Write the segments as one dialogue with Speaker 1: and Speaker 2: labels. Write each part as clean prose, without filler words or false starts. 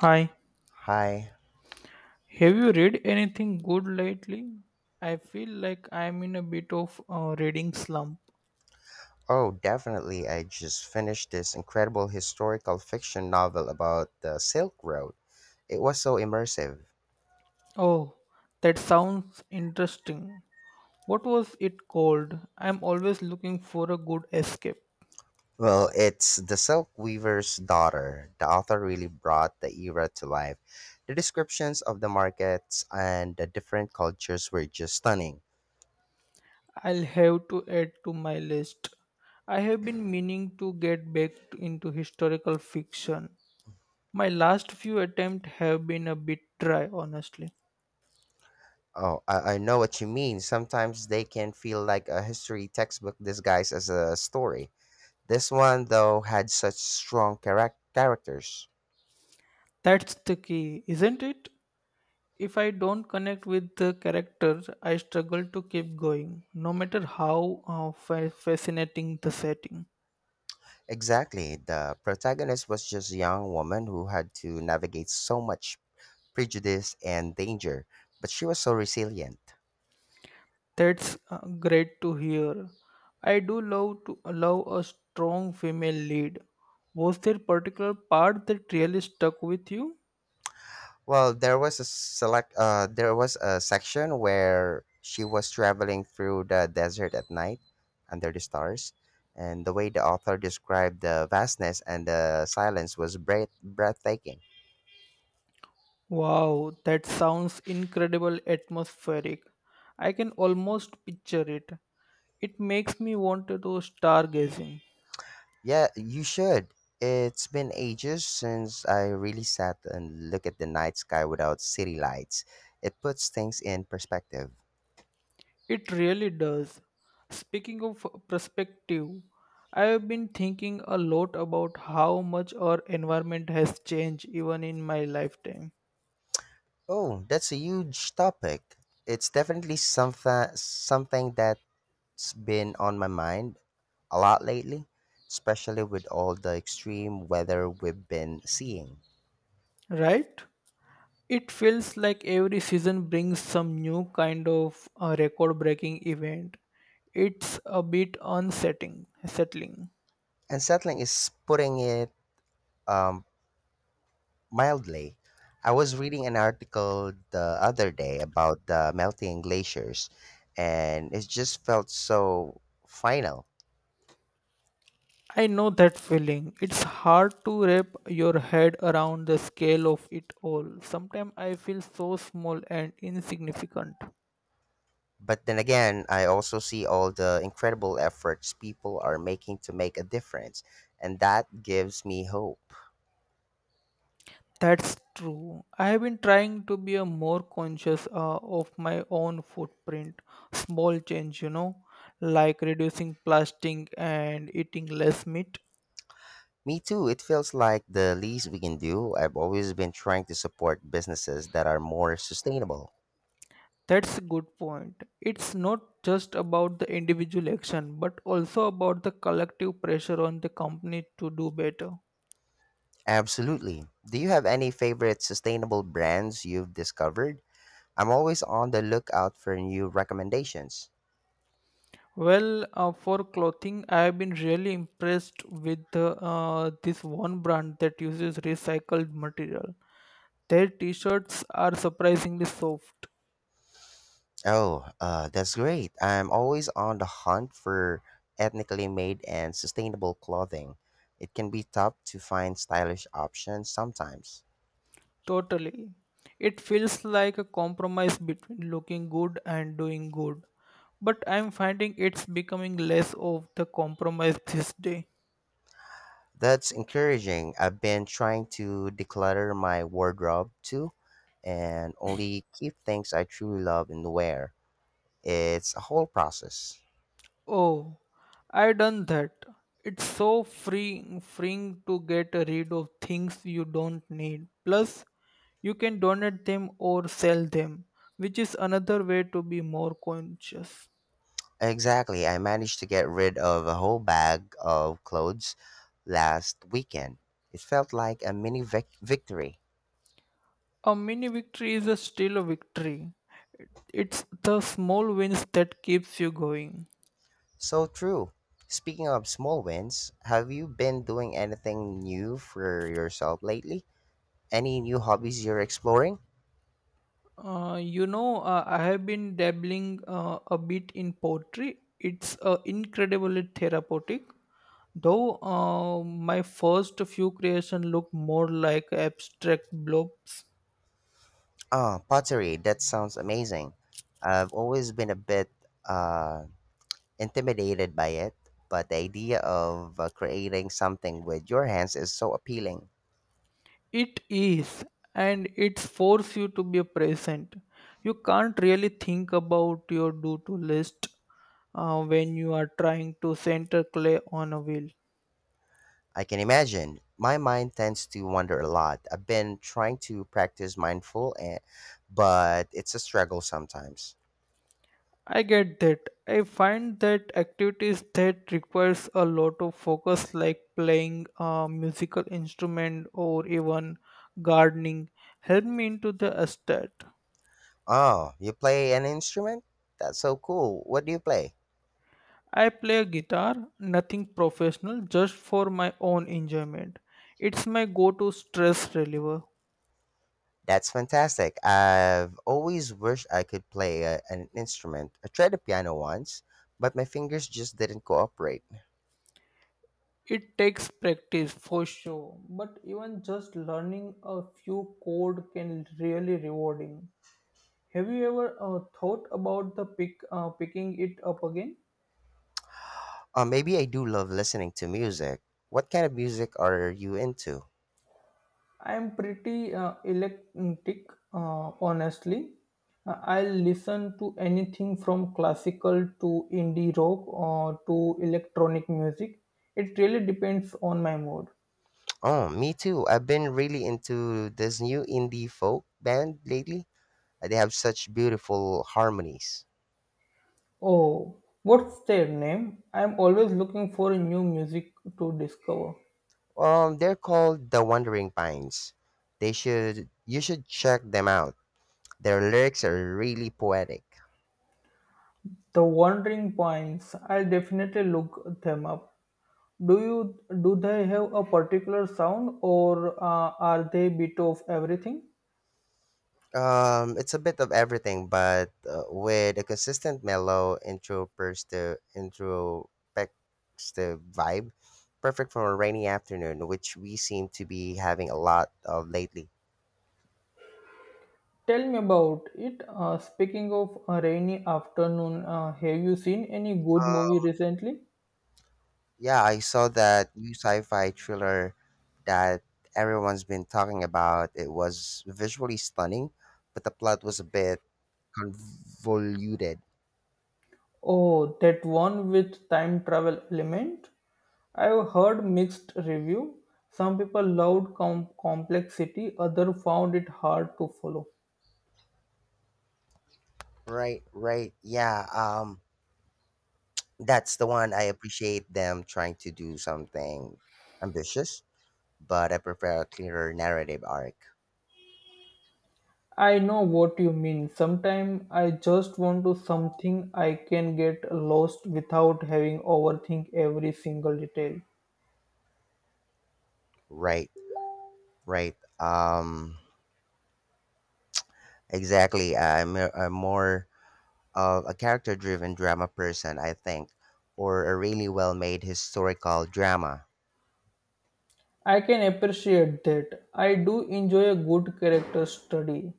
Speaker 1: Hi,
Speaker 2: Hi.
Speaker 1: have you read anything good lately? I feel like I'm in a bit of a reading slump.
Speaker 2: Oh, definitely. I just finished this incredible historical fiction novel about the Silk Road. It was so immersive.
Speaker 1: Oh, that sounds interesting. What was it called? I'm always looking for a good escape.
Speaker 2: Well, it's The Silk Weaver's Daughter. The author really brought the era to life. The descriptions of the markets and the different cultures were just stunning.
Speaker 1: I'll have to add to my list. I have been meaning to get back into historical fiction. My last few attempts have been a bit dry, honestly.
Speaker 2: Oh, I know what you mean. Sometimes they can feel like a history textbook disguised as a story. This one, though, had such strong characters.
Speaker 1: That's the key, isn't it? If I don't connect with the character, I struggle to keep going, no matter how fascinating the setting.
Speaker 2: Exactly. The protagonist was just a young woman who had to navigate so much prejudice and danger, but she was so resilient.
Speaker 1: That's great to hear. I do love to allow a strong female lead. Was there particular part that really stuck with you?
Speaker 2: Well, there was a section where she was traveling through the desert at night under the stars, and the way the author described the vastness and the silence was breathtaking.
Speaker 1: Wow, that sounds incredible atmospheric. I can almost picture it. It makes me want to do stargazing.
Speaker 2: Yeah, you should. It's been ages since I really sat and looked at the night sky without city lights. It puts things in perspective.
Speaker 1: It really does. Speaking of perspective, I have been thinking a lot about how much our environment has changed even in my lifetime,
Speaker 2: Oh, that's a huge topic. It's definitely something that it's been on my mind a lot lately, especially with all the extreme weather we've been seeing.
Speaker 1: right? It feels like every season brings some new kind of record breaking event. It's a bit unsettling. Settling.
Speaker 2: Unsettling is putting it um, mildly. I was reading an article the other day about the melting glaciers, and it just felt so final.
Speaker 1: I know that feeling. It's hard to wrap your head around the scale of it all. Sometimes I feel so small and insignificant.
Speaker 2: But then again, I also see all the incredible efforts people are making to make a difference, and that gives me hope.
Speaker 1: That's true. I have been trying to be a more conscious of my own footprint. Small change, you know, like reducing plastic and eating less meat.
Speaker 2: Me too, it feels like the least we can do. I've always been trying to support businesses that are more sustainable.
Speaker 1: That's a good point. It's not just about the individual action, but also about the collective pressure on the company to do better.
Speaker 2: Absolutely. Do you have any favorite sustainable brands you've discovered? I'm always on the lookout for new recommendations.
Speaker 1: Well, for clothing, I have been really impressed with this one brand that uses recycled material. Their t-shirts are surprisingly soft.
Speaker 2: Oh, that's great. I'm always on the hunt for ethnically made and sustainable clothing. It can be tough to find stylish options sometimes.
Speaker 1: Totally. It feels like a compromise between looking good and doing good. But I'm finding it's becoming less of the compromise this day.
Speaker 2: That's encouraging. I've been trying to declutter my wardrobe too and only keep things I truly love and wear. It's a whole process.
Speaker 1: Oh, I done that. It's so freeing to get rid of things you don't need. Plus, you can donate them or sell them, which is another way to be more conscious.
Speaker 2: Exactly. I managed to get rid of a whole bag of clothes last weekend. It felt like a mini victory.
Speaker 1: A mini victory is a still a victory. It's the small wins that keeps you going.
Speaker 2: So true. Speaking of small wins, have you been doing anything new for yourself lately? Any new hobbies you're exploring?
Speaker 1: You know, I have been dabbling a bit in poetry. It's incredibly therapeutic, though my first few creations looked more like abstract blobs.
Speaker 2: Oh, pottery. That sounds amazing. I've always been a bit uh, intimidated by it, but the idea of creating something with your hands is so appealing.
Speaker 1: It is, and it forces you to be present. You can't really think about your do-to list when you are trying to center clay on a wheel.
Speaker 2: I can imagine. My mind tends to wander a lot. I've been trying to practice mindful, and, but it's a struggle sometimes.
Speaker 1: I get that. I find that activities that requires a lot of focus, like playing a musical instrument or even gardening, help me into the estate.
Speaker 2: Oh, you play an instrument? That's so cool. What do you play?
Speaker 1: I play guitar, nothing professional, just for my own enjoyment. It's my go to stress reliever.
Speaker 2: That's fantastic. I've always wished I could play an instrument. I tried the piano once, but my fingers just didn't cooperate.
Speaker 1: It takes practice for sure, but even just learning a few chord can really rewarding. Have you ever thought about the pick picking it up again?
Speaker 2: Maybe I do love listening to music. What kind of music are you into?
Speaker 1: I'm pretty eclectic, honestly. I'll listen to anything from classical to indie rock or to electronic music. It really depends on my mood.
Speaker 2: Oh, me too. I've been really into this new indie folk band lately. They have such beautiful harmonies.
Speaker 1: Oh, what's their name? I'm always looking for new music to discover.
Speaker 2: They're called the Wandering Pines. They should You should check them out. Their lyrics are really poetic.
Speaker 1: The Wandering Points. I'll definitely look them up. Do they have a particular sound or are they bit of everything?
Speaker 2: It's a bit of everything, but with a consistent mellow introspective vibe, perfect for a rainy afternoon, which we seem to be having a lot of lately.
Speaker 1: Tell me about it. Speaking of a rainy afternoon, have you seen any good movie
Speaker 2: Um,
Speaker 1: recently?
Speaker 2: Yeah, I saw that new sci-fi thriller that everyone's been talking about. It was visually stunning, but the plot was a bit convoluted.
Speaker 1: Oh, that one with time travel element? I've heard mixed review. Some people loved complexity, other found it hard to follow.
Speaker 2: Right, right. Yeah, that's the one. I appreciate them trying to do something ambitious, but I prefer a clearer narrative arc.
Speaker 1: I know what you mean. Sometimes I just want to something I can get lost without having overthink every single detail.
Speaker 2: Right, right. Exactly. I'm more of a character driven drama person, I think, or a really well made historical drama.
Speaker 1: I can appreciate that. I do enjoy a good character study.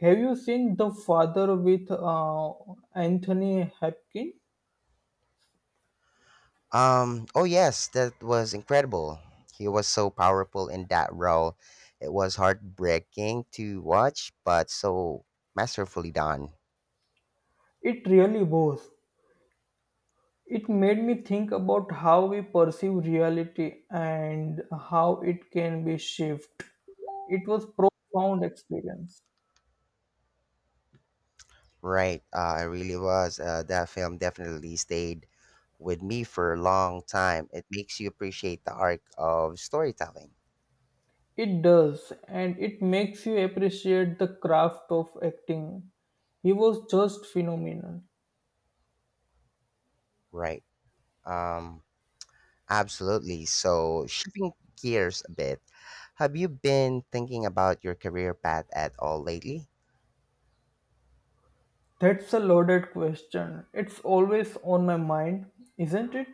Speaker 1: Have you seen The Father with Anthony Hopkins?
Speaker 2: Oh, yes, that was incredible. He was so powerful in that role. It was heartbreaking to watch, but so masterfully done.
Speaker 1: It really was. It made me think about how we perceive reality and how it can be shaped. It was profound experience.
Speaker 2: Right, it really was. That film definitely stayed with me for a long time. It makes you appreciate the arc of storytelling.
Speaker 1: It does, and it makes you appreciate the craft of acting. He was just phenomenal.
Speaker 2: Right. Um, Absolutely. So, shifting gears a bit, have you been thinking about your career path at all lately?
Speaker 1: That's a loaded question. It's always on my mind, isn't it?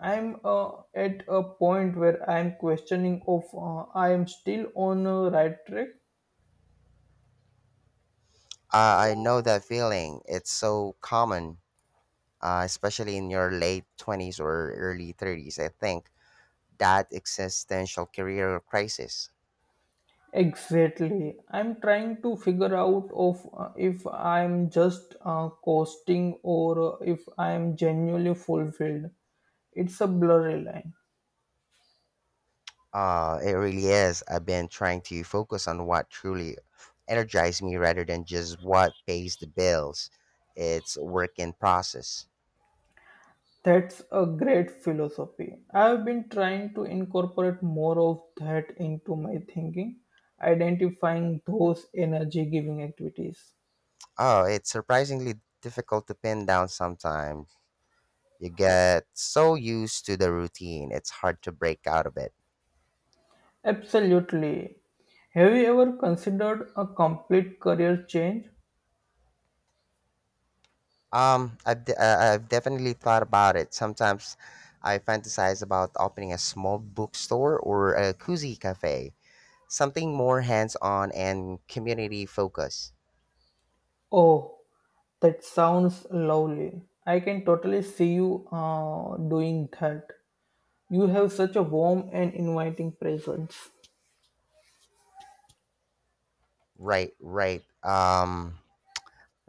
Speaker 1: I'm at a point where I'm questioning of I am still on a right track.
Speaker 2: I know that feeling. It's so common, especially in your late 20s or early 30s, I think, that existential career crisis.
Speaker 1: Exactly. I'm trying to figure out of if I'm just coasting or if I'm genuinely fulfilled. It's a blurry line.
Speaker 2: It really is. I've been trying to focus on what truly energized me rather than just what pays the bills. It's a work in process.
Speaker 1: That's a great philosophy. I've been trying to incorporate more of that into my thinking, identifying those energy giving activities.
Speaker 2: Oh, it's surprisingly difficult to pin down sometimes. You get so used to the routine, it's hard to break out of it.
Speaker 1: Absolutely. Have you ever considered a complete career change?
Speaker 2: I've definitely thought about it. Sometimes I fantasize about opening a small bookstore or a cozy cafe, something more hands on and community focused.
Speaker 1: Oh, that sounds lovely. I can totally see you doing that. You have such a warm and inviting presence.
Speaker 2: Right, right.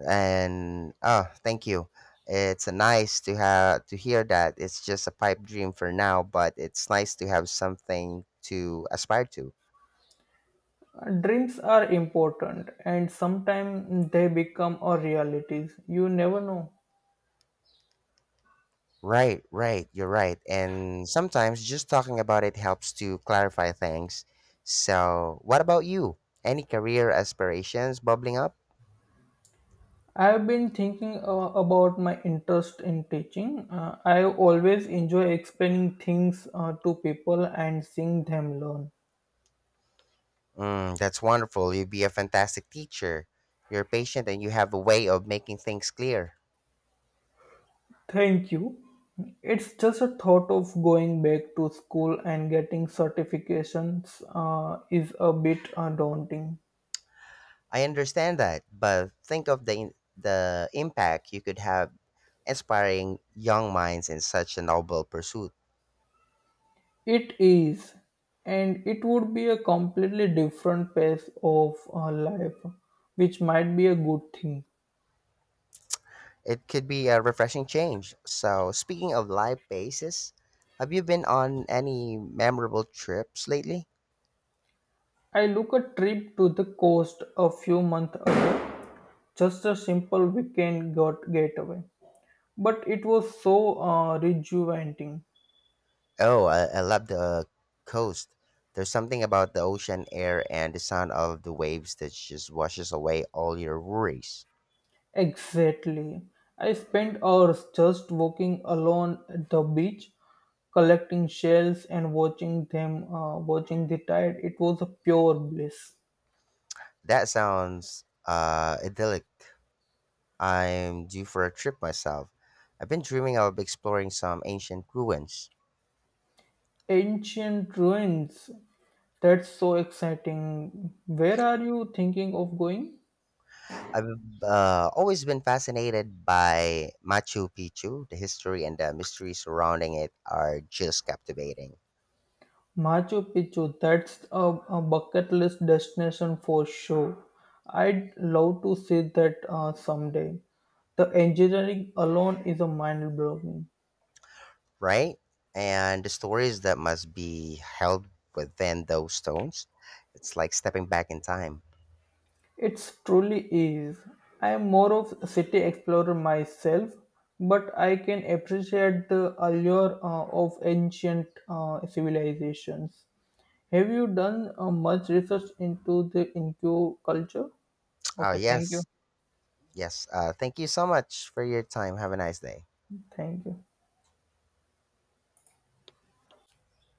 Speaker 2: And oh, thank you. It's nice to have to hear that. It's just a pipe dream for now, but it's nice to have something to aspire to.
Speaker 1: Dreams are important and sometimes they become our realities. You never know.
Speaker 2: Right, right, you're right, and sometimes just talking about it helps to clarify things. So what about you? Any career aspirations bubbling up?
Speaker 1: I've been thinking about my interest in teaching. I always enjoy explaining things to people and seeing them learn.
Speaker 2: Mm, that's wonderful. You'd be a fantastic teacher. You're patient and you have a way of making things clear.
Speaker 1: Thank you. It's just a thought of going back to school and getting certifications is a bit daunting.
Speaker 2: I understand that, but think of the impact you could have, inspiring young minds in such a noble pursuit.
Speaker 1: It is, and it would be a completely different pace of life, which might be a good thing.
Speaker 2: It could be a refreshing change. So, speaking of live bases, have you been on any memorable trips lately?
Speaker 1: I look a trip to the coast a few months ago, just a simple weekend got getaway, but it was so rejuvenating.
Speaker 2: Oh, I love the coast. There's something about the ocean air and the sound of the waves that just washes away all your worries.
Speaker 1: Exactly, I spent hours just walking alone at the beach, collecting shells and watching the tide. It was a pure bliss.
Speaker 2: That sounds idyllic. I'm due for a trip myself. I've been dreaming of exploring some ancient ruins.
Speaker 1: Ancient ruins. That's so exciting. Where are you thinking of going?
Speaker 2: I've always been fascinated by Machu Picchu. The history and the mystery surrounding it are just captivating.
Speaker 1: Machu Picchu. A bucket list destination for sure. I'd love to see that someday. The engineering alone is a mind blowing.
Speaker 2: Right? And the stories that must be held within those stones, it's like stepping back in time.
Speaker 1: It truly is. I am more of a city explorer myself, but I can appreciate the allure of ancient civilizations. Have you done much research into the Incu culture?
Speaker 2: Oh,
Speaker 1: Okay, thank you.
Speaker 2: yes. Yes. Thank you so much for your time. Have a nice day.
Speaker 1: Thank you.